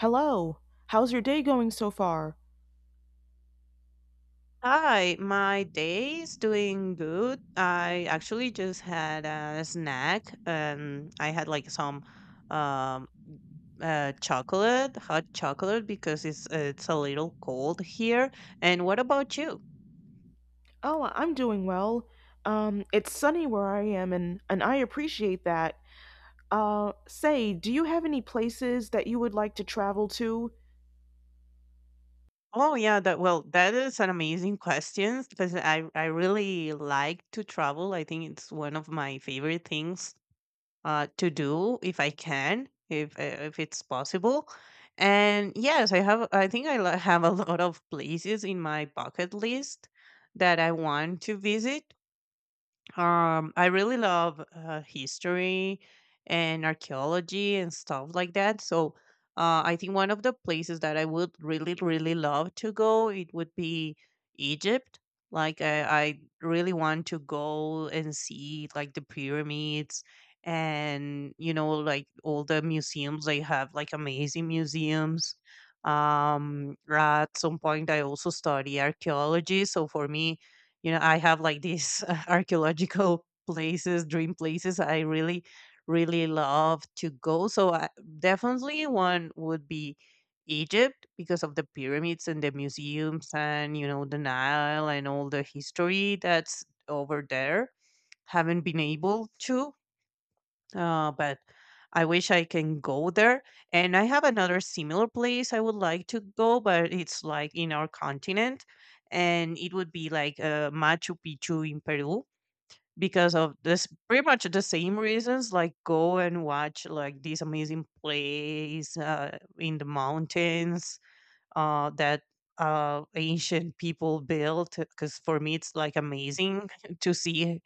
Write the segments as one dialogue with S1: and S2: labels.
S1: Hello. How's your day going so far?
S2: Hi, my day is doing good. I actually just had a snack and I had like some um chocolate, hot chocolate because it's a little cold here. And what about you?
S1: Oh, I'm doing well. It's sunny where I am and I appreciate that. Say, do you have any places that you would like to travel to?
S2: Oh yeah, that is an amazing question because I really like to travel. I think it's one of my favorite things to do if I can, if it's possible. And yes, I have. I think have a lot of places in my bucket list that I want to visit. I really love history and archaeology and stuff like that. So, I think one of the places that I would really, really love to go, it would be Egypt. Like, I really want to go and see like the pyramids and like all the museums they have, like amazing museums. At some point, I also study archaeology, so for me, I have like these archaeological places, dream places I really, really love to go. So, definitely one would be Egypt because of the pyramids and the museums and the Nile and all the history that's over there. Haven't been able to. Oh, but I wish I can go there. And I have another similar place I would like to go, but it's like in our continent. And it would be like Machu Picchu in Peru because of this, pretty much the same reasons, like go and watch like this amazing place in the mountains that ancient people built because for me it's like amazing to see,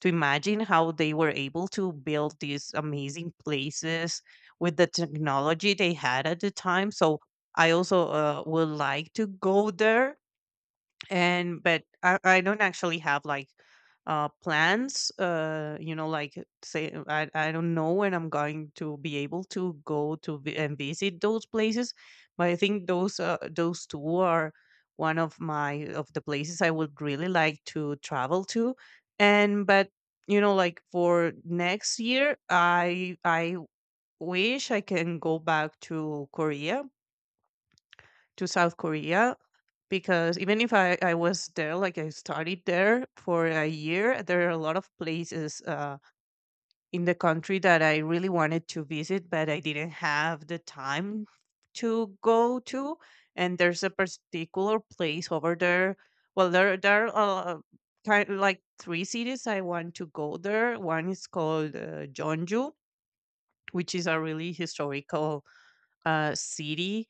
S2: to imagine how they were able to build these amazing places with the technology they had at the time. So I also would like to go there, and but I don't actually have like plans, like say, I don't know when I'm going to be able to go to vi- and visit those places. But I think those two are one of the places I would really like to travel to. And but you know, like for next year, I wish I can go back to korea to South Korea because even if I was there, like I studied there for a year, there are a lot of places in the country that I really wanted to visit, but I didn't have the time to go to. And there's a particular place over there. Well, there are kind of like three cities I want to go there. One is called Jeonju, which is a really historical city.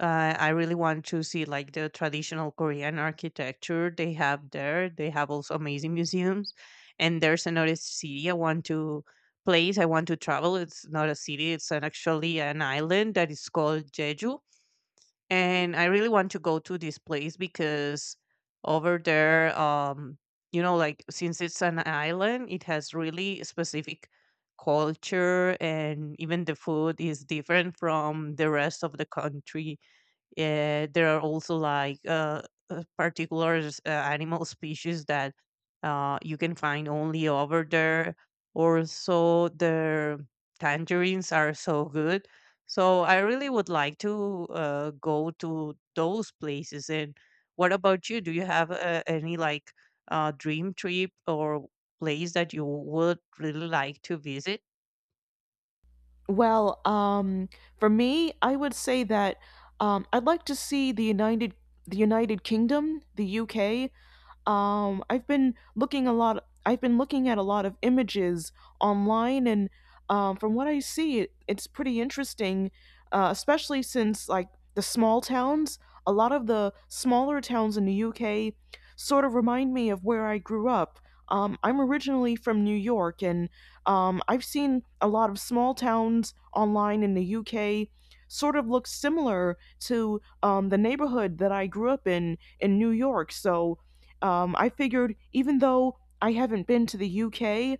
S2: I really want to see like the traditional Korean architecture they have there. They have also amazing museums, and there's another city I want to place. I want to travel. It's not a city. It's actually an island that is called Jeju, and I really want to go to this place because over there, like since it's an island, it has really specific culture, and even the food is different from the rest of the country. There are also like particular animal species that you can find only over there. Also, their tangerines are so good. So I really would like to go to those places. And what about you? Do you have any like dream trip or place that you would really like to visit?
S1: Well, for me, I would say that I'd like to see the United Kingdom, the UK. I've been looking a lot, I've been looking at a lot of images online, and from what I see, it's pretty interesting, especially since, like, the small towns, a lot of the smaller towns in the UK sort of remind me of where I grew up. I'm originally from New York, and I've seen a lot of small towns online in the UK sort of look similar to the neighborhood that I grew up in New York. So I figured even though I haven't been to the UK,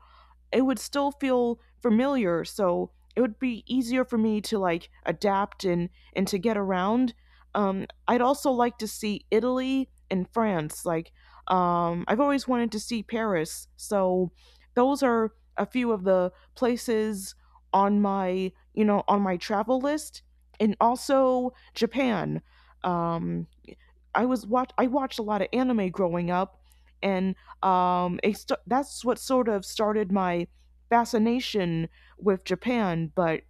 S1: it would still feel familiar. So it would be easier for me to, like, adapt and to get around. I'd also like to see Italy and France. Like, I've always wanted to see Paris. So those are a few of the places on my, you know, on my travel list, and also Japan. Um, I watched a lot of anime growing up, and that's what sort of started my fascination with Japan. But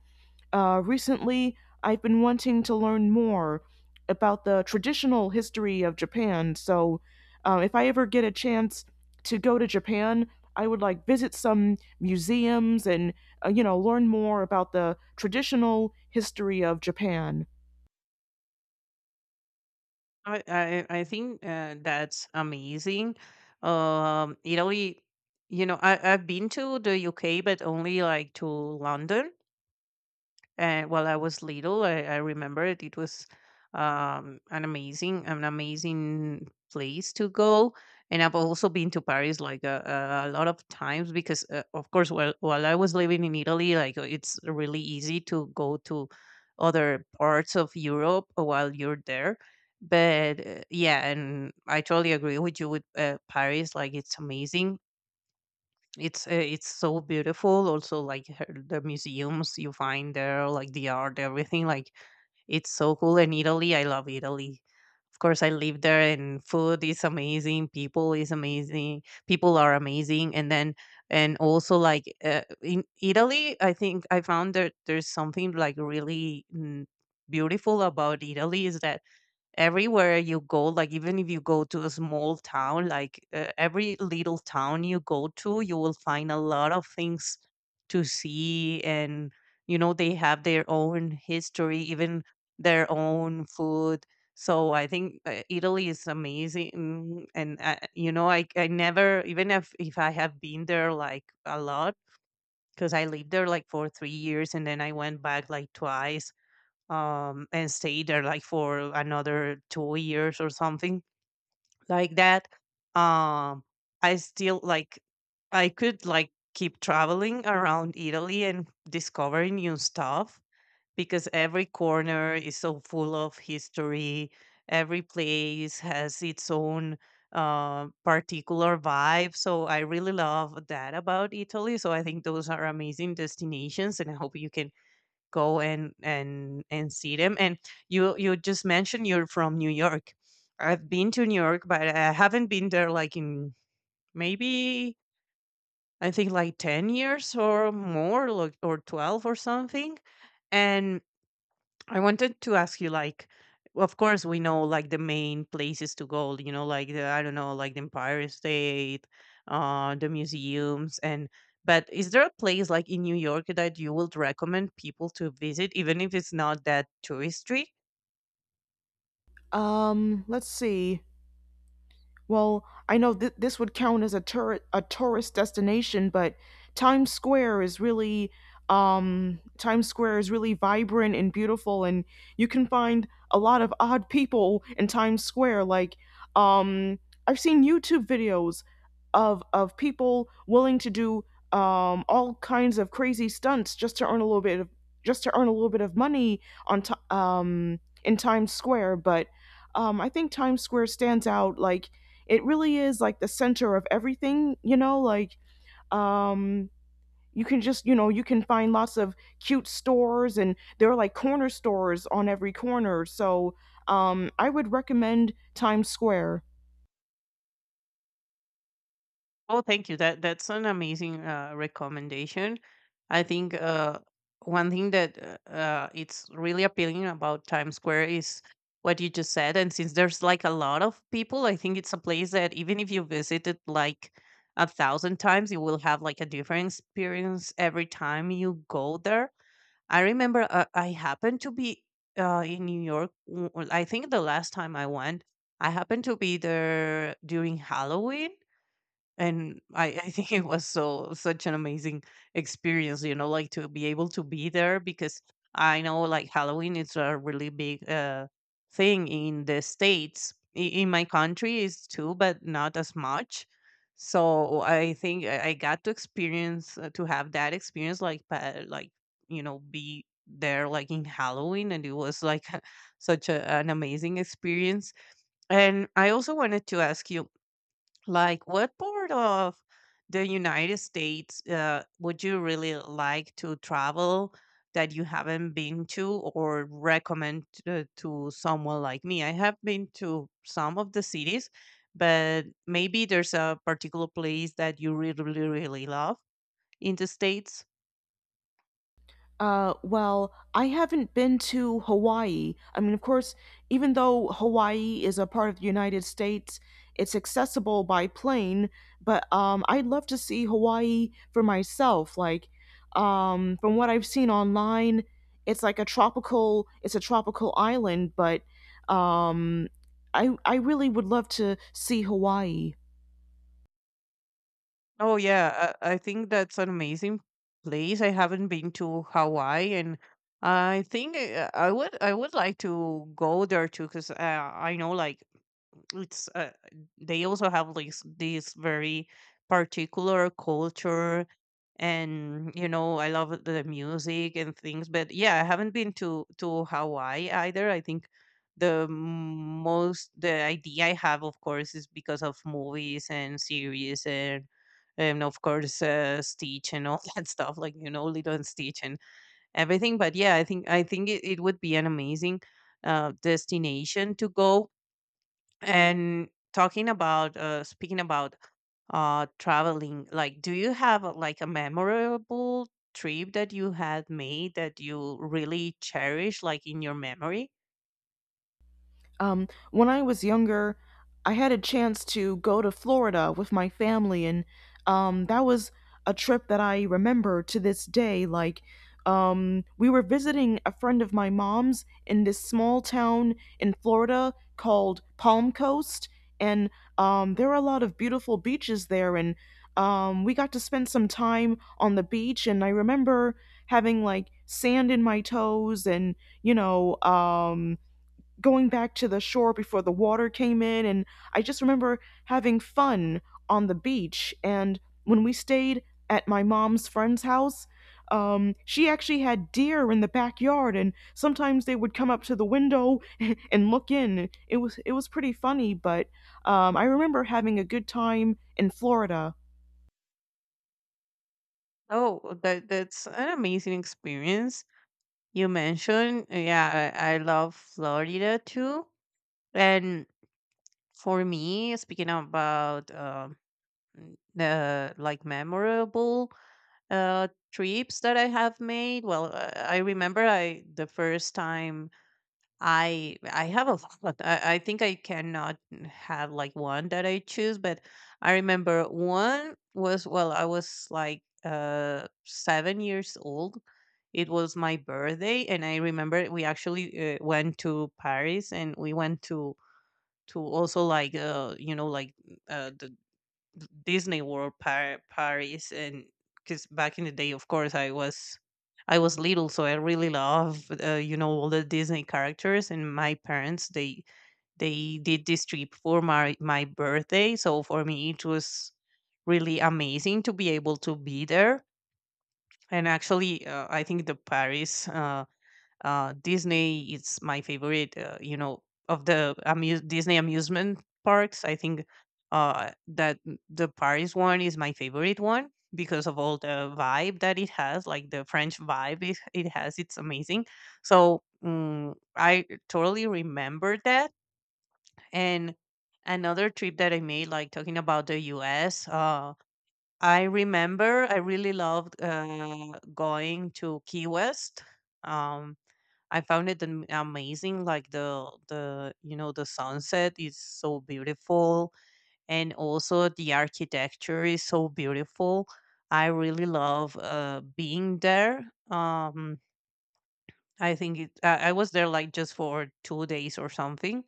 S1: recently, I've been wanting to learn more about the traditional history of Japan. So, if I ever get a chance to go to Japan, I would like visit some museums and, you know, learn more about the traditional history of Japan.
S2: I I think that's amazing. Italy, I've been to the UK, but only like to London, while I was little, I remember it. It was an amazing place to go. And I've also been to Paris like a lot of times because, of course, while I was living in Italy, like it's really easy to go to other parts of Europe while you're there. But yeah, and I totally agree with you with Paris. Like it's amazing. It's so beautiful, also like the museums you find there, like the art, everything, like it's so cool. And Italy, I love Italy. Of course, I live there, and food is amazing, people are amazing. And then, and also like in Italy, I think I found that there's something like really beautiful about Italy, is that everywhere you go, like even if you go to a small town, like every little town you go to, you will find a lot of things to see. And you know, they have their own history, even their own food. So I think Italy is amazing. And I never, even if I have been there like a lot, because I lived there like for 3 years and then I went back like twice. And stay there like for another 2 years or something like that. Um, I still like I could like keep traveling around Italy and discovering new stuff because every corner is so full of history. Every place has its own particular vibe. So I really love that about Italy. So I think those are amazing destinations, and I hope you can go and see them. And you just mentioned you're from New York. I've been to New York, but I haven't been there like in, maybe, I think, like 10 years or more, like, or 12 or something. And I wanted to ask you, like, of course, we know like the main places to go, you know, like the, I don't know, like the Empire State, the museums, and but is there a place like in New York that you would recommend people to visit, even if it's not that touristy?
S1: Let's see. Well, I know this would count as a a tourist destination, but Times Square is really Times Square is really vibrant and beautiful, and you can find a lot of odd people in Times Square. Like, um I've seen YouTube videos of people willing to do all kinds of crazy stunts just to earn a little bit of, just to earn a little bit of money in Times Square. But I think Times Square stands out. Like, it really is like the center of everything, you know, like, um you can just, you know, you can find lots of cute stores, and there are like corner stores on every corner. So, I would recommend Times Square.
S2: Oh, thank you. That's an amazing recommendation. I think, one thing that, it's really appealing about Times Square is what you just said. And since there's like a lot of people, I think it's a place that even if you visit it like 1,000 times, you will have like a different experience every time you go there. I remember, I happened to be in New York. I think the last time I went, I happened to be there during Halloween, and I think it was so such an amazing experience, you know, like to be able to be there, because I know like Halloween is a really big thing in the States. In my country is too, but not as much. So I think I got to experience, to have that experience, like like be there like in Halloween, and it was like such an amazing experience. And I also wanted to ask you, like, what part of the United States would you really like to travel that you haven't been to, or recommend to, someone like me? I have been to some of the cities, but maybe there's a particular place that you really, really, really love in the States.
S1: Well, I haven't been to Hawaii. I mean, of course, even though Hawaii is a part of the United States, it's accessible by plane, but I'd love to see Hawaii for myself. Like, from what I've seen online, it's like a it's a tropical island, but um, I really would love to see Hawaii.
S2: Oh yeah, I think that's an amazing place. I haven't been to Hawaii, and I think I would like to go there too, because I know like it's they also have like this very particular culture, and I love the music and things. But yeah, I haven't been to Hawaii either. I think the idea I have, of course, is because of movies and series and of course, Stitch and all that stuff, like Lilo and Stitch and everything. But yeah, I think it would be an amazing destination to go. And talking about speaking about traveling, like, do you have like a memorable trip that you had made that you really cherish, like in your memory?
S1: When I was younger, I had a chance to go to Florida with my family, and that was a trip that I remember to this day. Like, we were visiting a friend of my mom's in this small town in Florida called Palm Coast, and there are a lot of beautiful beaches there, and we got to spend some time on the beach, and I remember having like sand in my toes and, you know, going back to the shore before the water came in. And I just remember having fun on the beach. And when we stayed at my mom's friend's house, she actually had deer in the backyard, and sometimes they would come up to the window and look in. It was, it was pretty funny. But I remember having a good time in Florida.
S2: Oh, that's an amazing experience you mentioned. Yeah, I love Florida too. And for me, speaking about the, like, memorable trips that I have made, well, I remember, I the first time I have a lot. I think I cannot have like one that I choose, but I remember one was, well, I was like 7 years old. It was my birthday, and I remember we actually went to Paris, and we went to also like you know like uh the the Disney World Paris. And because back in the day, of course, I was little, so I really love you know, all the Disney characters, and my parents, they did this trip for my birthday, so for me it was really amazing to be able to be there. And actually I think the Paris Disney is my favorite. You know, of the amuse Disney amusement parks, I think that the Paris one is my favorite one because of all the vibe that it has. Like the French vibe it has, it's amazing. So I totally remember that. And another trip that I made, like, talking about the U.S. I remember I really loved going to Key West. Um, I found it amazing. Like, the you know, the sunset is so beautiful, and also the architecture is so beautiful. I really love being there. I think I was there like just for 2 days or something,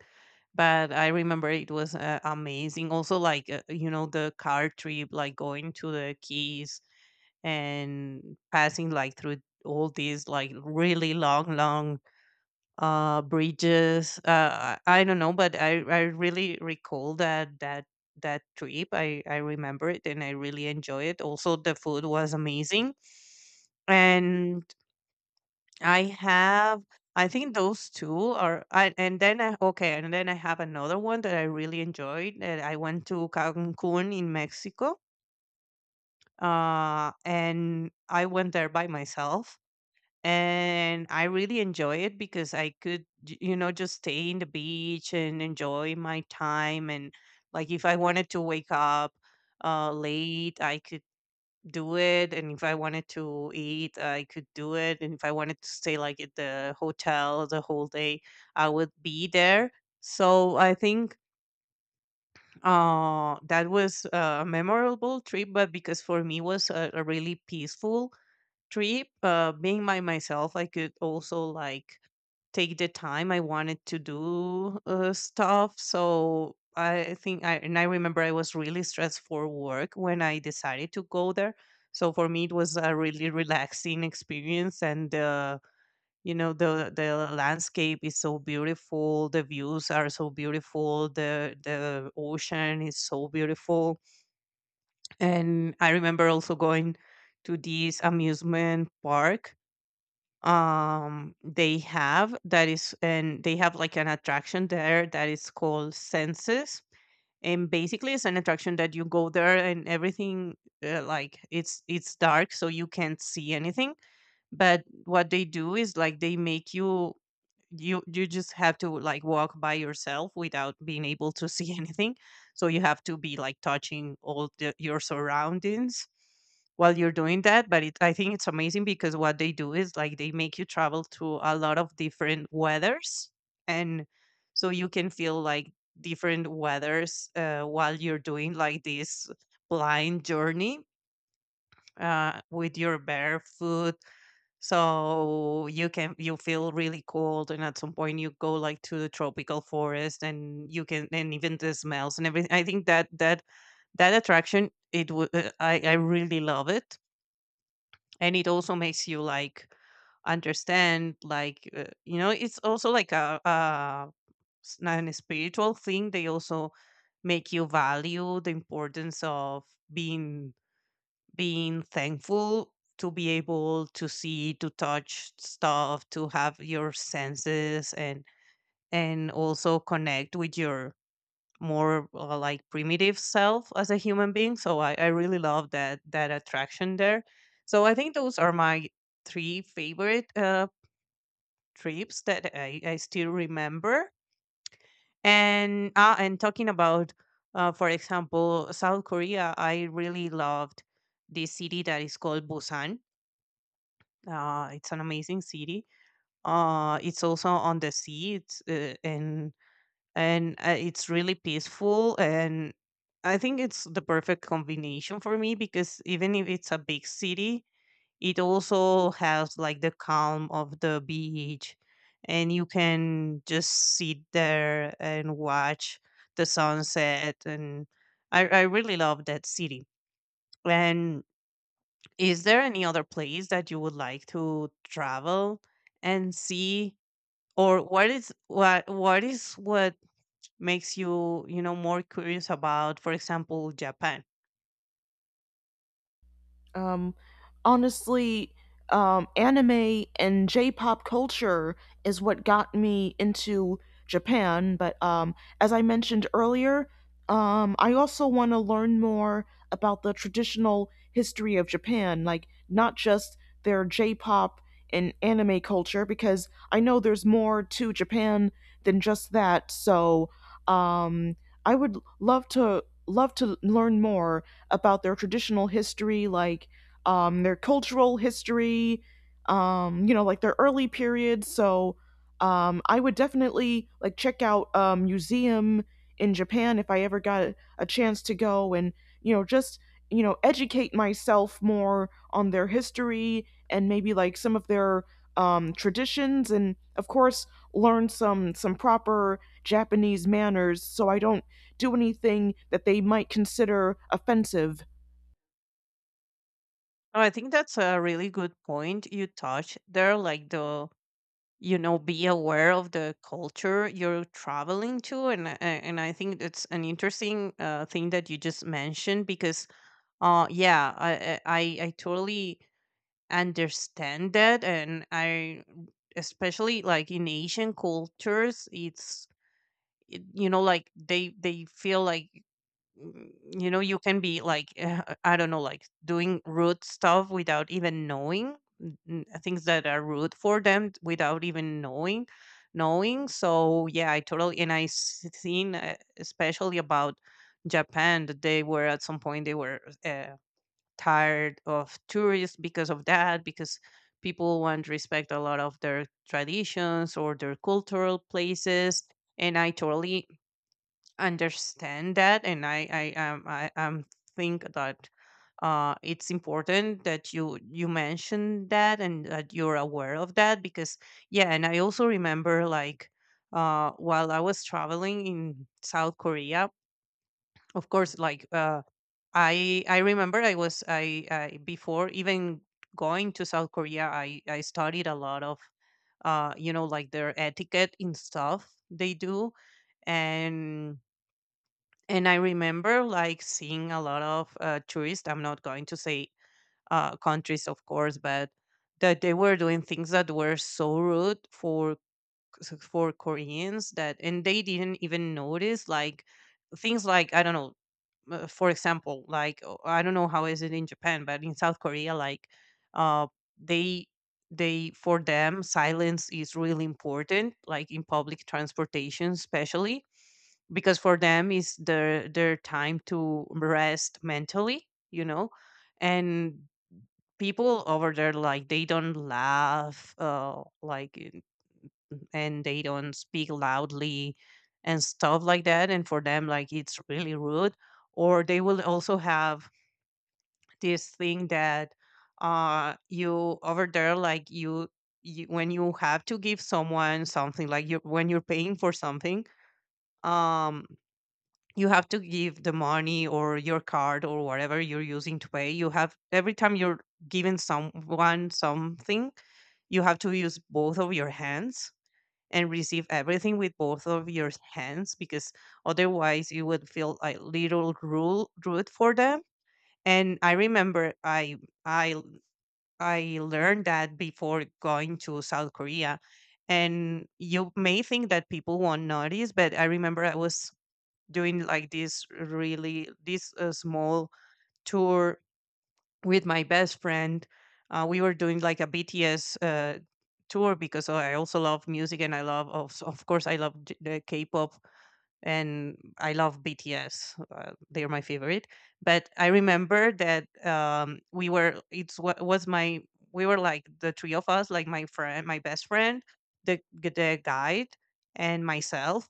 S2: but I remember it was amazing. Also, like you know, the car trip, like going to the Keys and passing like through all these like really long, long bridges. I I don't know, but I really recall that that trip. I remember it and I really enjoy it. Also, the food was amazing. And I have, I think those two are I, and then I okay and then I have another one that I really enjoyed, that I went to Cancun in Mexico. And I went there by myself, and I really enjoy it because I could, you know, just stay in the beach and enjoy my time. And like, if I wanted to wake up late, I could do it. And if I wanted to eat, I could do it. And if I wanted to stay like at the hotel the whole day, I would be there. So I think that was a memorable trip, but because for me was a really peaceful trip. Being by myself, I could also like take the time I wanted to do stuff. So I think I remember I was really stressed for work when I decided to go there. So for me, it was a really relaxing experience, and you know, the landscape is so beautiful, the views are so beautiful, the ocean is so beautiful. And I remember also going to this amusement park. They have that is and they have like an attraction there that is called Senses, and basically it's an attraction that you go there and everything like, it's dark so you can't see anything. But what they do is like they make you just have to like walk by yourself without being able to see anything, so you have to be like touching all the, your surroundings while you're doing that. But I think it's amazing because what they do is like they make you travel through a lot of different weathers, and so you can feel like different weathers while you're doing like this blind journey with your barefoot. So you can, you feel really cold, and at some point you go like to the tropical forest, and you can, and even the smells and everything. I think that attraction, it would I really love it, and it also makes you like understand like you know, it's also like a an spiritual thing. They also make you value the importance of being, being thankful to be able to see, to touch stuff, to have your senses, and also connect with your more like primitive self as a human being. So I really love that attraction there. So I think those are my three favorite trips that I still remember. And and talking about for example, South Korea, I really loved this city that is called Busan. It's an amazing city. It's also on the sea. It's really peaceful, and I think it's the perfect combination for me because even if it's a big city, it also has like the calm of the beach, and you can just sit there and watch the sunset. And I really love that city. And is there any other place that you would like to travel and see? Or what is, what makes you, you know, more curious about, for example, Japan?
S1: Um, honestly, anime and J-pop culture is what got me into Japan. But as I mentioned earlier, I also want to learn more about the traditional history of Japan, like not just their J-pop and anime culture, because I know there's more to Japan than just that. So um, I would love to learn more about their traditional history, like, their cultural history, you know, like their early periods. So I would definitely like check out a museum in Japan if I ever got a chance to go and, you know, just, you know, educate myself more on their history and maybe like some of their traditions, and of course learn some proper Japanese manners so I don't do anything that they might consider offensive.
S2: Oh, I think that's a really good point you touched there, like the, you know, be aware of the culture you're traveling to. And I think it's an interesting thing that you just mentioned. Because yeah, I totally understand that. And I especially like in Asian cultures, you know, like they feel like, mm, you know, you can be like I don't know, like doing rude stuff without even knowing, things that are rude for them without even knowing. So yeah, I totally, and seen especially about Japan, that they were, at some point they were uh, tired of tourists because of that, because people want to respect a lot of their traditions or their cultural places. And I totally understand that. And I think that it's important that you mention that and that you're aware of that. Because yeah, and I also remember like while I was traveling in South Korea, of course, like I remember I, before even going to South Korea, I studied a lot of you know, like their etiquette and stuff they do. and and I remember like seeing a lot of tourists, I'm not going to say countries, of course, but that they were doing things that were so rude for Koreans, that, and they didn't even notice, like, things like, I don't know, for example, like I don't know how is it in Japan, but in South Korea, like, uh, they they for them silence is really important, like in public transportation, especially, because for them is their time to rest mentally, you know. And people over there, like, they don't laugh and they don't speak loudly and stuff like that, and for them like it's really rude. Or they will also have this thing that you over there, like you when you have to give someone something, like you when you're paying for something, um you have to give the money or your card or whatever you're using to pay. You have, every time you're giving someone something, you have to use both of your hands and receive everything with both of your hands, because otherwise you would feel a little rude, rude for them. And I remember i I learned that before going to South Korea. And you may think that people won't notice, but I remember I was doing like this really, this small tour with my best friend. We were doing like a BTS tour, because I also love music, and I love, of course I love j- the K-pop, and I love BTS. They're my favorite. But I remember that we were, it's what was my we were like the three of us, like my friend, my best friend, the guide, and myself.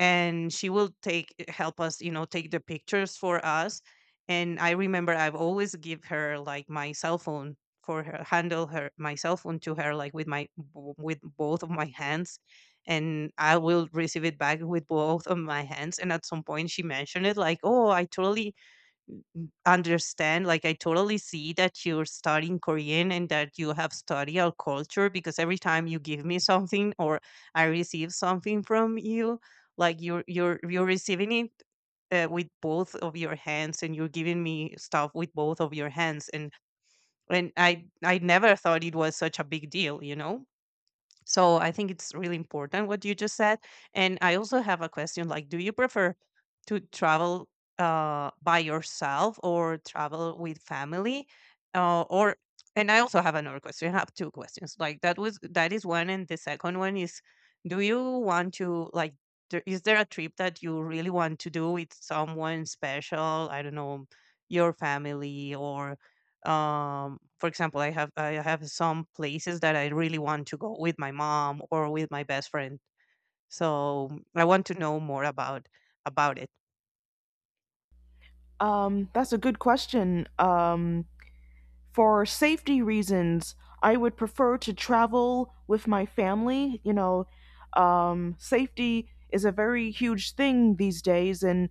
S2: And she will take, help us, you know, take the pictures for us. And I remember I've always give her like my cell phone for her, handle her my cell phone to her like with my, with both of my hands, and I will receive it back with both of my hands. And at some point, she mentioned it like, "Oh, I totally n- understand. Like, I totally see that you're studying Korean and that you have studied our culture, because every time you give me something or I receive something from you, like you're receiving it." With both of your hands, and you're giving me stuff with both of your hands. And I never thought it was such a big deal, you know. So I think it's really important what you just said. And I also have a question, like, do you prefer to travel by yourself or travel with family? Or and I also have another question. I have two questions. Like, that was, that is one, and the second one is, do you want to like? Is there a trip that you really want to do with someone special? I don't know, your family, or for example, I have some places that I really want to go with my mom or with my best friend. So I want to know more about it.
S1: That's a good question. For safety reasons, I would prefer to travel with my family. You know, safety is a very huge thing these days, and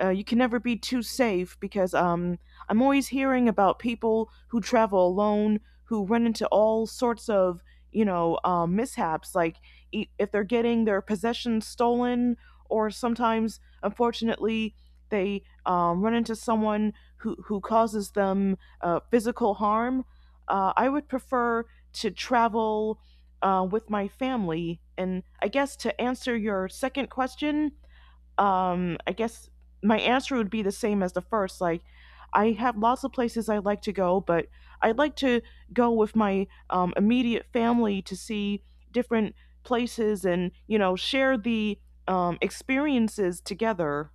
S1: you can never be too safe because I'm always hearing about people who travel alone who run into all sorts of, you know, mishaps, like if they're getting their possessions stolen, or sometimes, unfortunately, they run into someone who causes them physical harm. Uh, I would prefer to travel, with my family. And I guess to answer your second question, I guess my answer would be the same as the first. Like, I have lots of places I like to go, but I'd like to go with my immediate family to see different places and, you know, share the experiences together.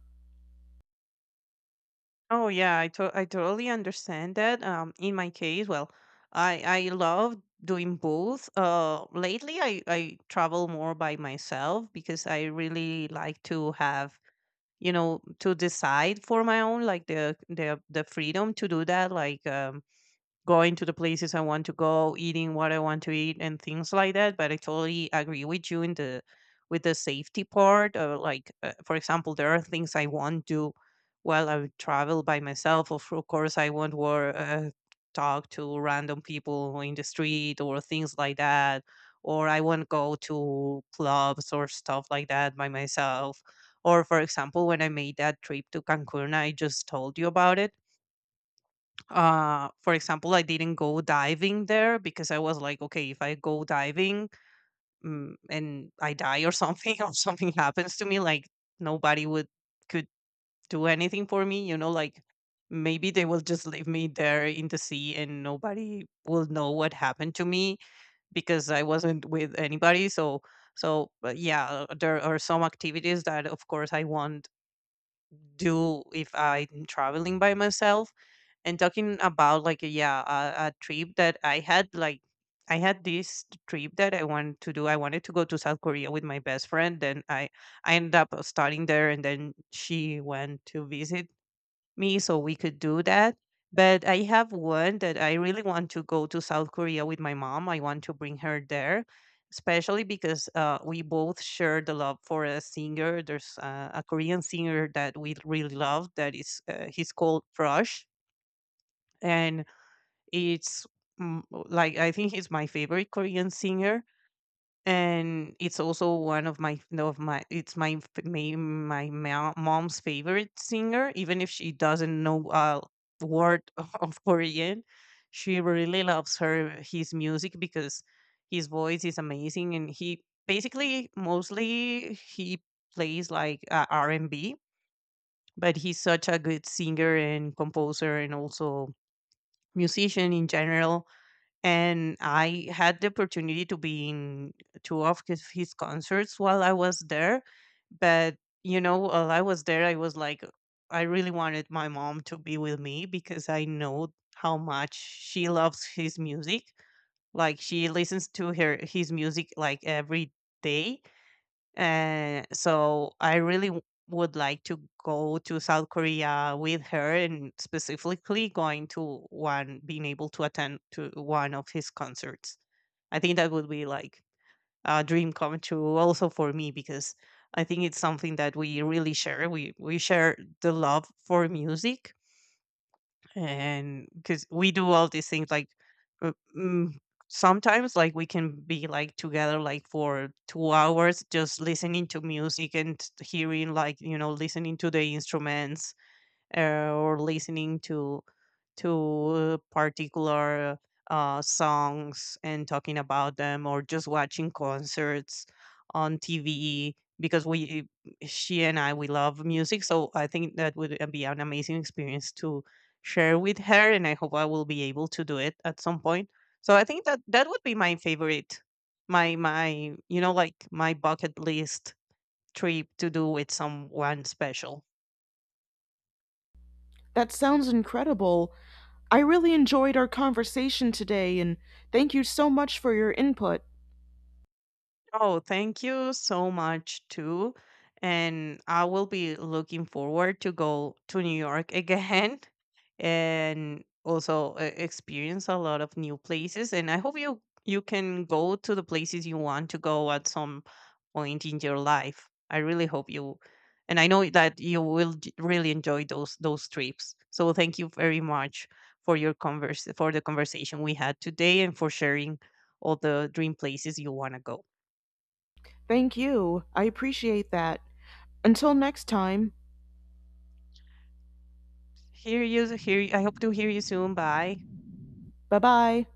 S2: Oh yeah, I totally understand that. In my case, well, I love doing both. Lately I travel more by myself because I really like to have to decide for my own, like the freedom to do that, like going to the places I want to go, eating what I want to eat, and things like that. But I totally agree with you in the with the safety part. Of like, for example, there are things I won't do while I travel by myself. Of course, I won't talk to random people in the street or things like that. Or I won't go to clubs or stuff like that by myself. Or, for example, when I made that trip to Cancun, I just told you about it, for example, I didn't go diving there because I was like, okay, if I go diving and I die or something, or something happens to me, like nobody would could do anything for me, like maybe they will just leave me there in the sea and nobody will know what happened to me because I wasn't with anybody. But yeah, there are some activities that, of course, I want do if I'm traveling by myself. And talking about like a trip that I had, like I had this trip that I wanted to do. I wanted to go to South Korea with my best friend. Then I ended up studying there, and then she went to visit me so we could do that. But I have one that I really want to go to South Korea with my mom. I want to bring her there, especially because we both share the love for a singer. There's a Korean singer that we really love. That is, he's called Crush, and it's like I think he's my favorite Korean singer, and it's also one of my no, of my it's my mom's favorite singer, even if she doesn't know a word of Korean. She really loves her his music because his voice is amazing, and he basically mostly he plays like r&b, but he's such a good singer and composer and also musician in general. And I had the opportunity to be in two of his concerts while I was there. But you know, while I was there, I was like, I really wanted my mom to be with me because I know how much she loves his music. Like she listens to her his music like every day. So I really would like to go to South Korea with her, and specifically going to one, being able to attend to one of his concerts. I think that would be like a dream come true also for me because I think it's something that we really share. We share the love for music, and because we do all these things like uh, mm, sometimes, like we can be like together like for 2 hours just listening to music and hearing, like, listening to the instruments, uh, or listening to particular songs and talking about them, or just watching concerts on TV because we she and I, we love music. So I think that would be an amazing experience to share with her, and I hope I will be able to do it at some point. So I think that would be my favorite, my you know like my bucket list trip to do with someone special.
S1: That sounds incredible. I really enjoyed our conversation today, and thank you so much for your input.
S2: Oh, thank you so much too. And I will be looking forward to go to New York again and also experience a lot of new places. And I hope you can go to the places you want to go at some point in your life. I really hope you, and I know that you will really enjoy those trips. So thank you very much for your converse for the conversation we had today and for sharing all the dream places you want to go.
S1: Thank you. I appreciate that. Until next time,
S2: Hear you. Hear you. I hope to hear you soon. Bye.
S1: bye bye.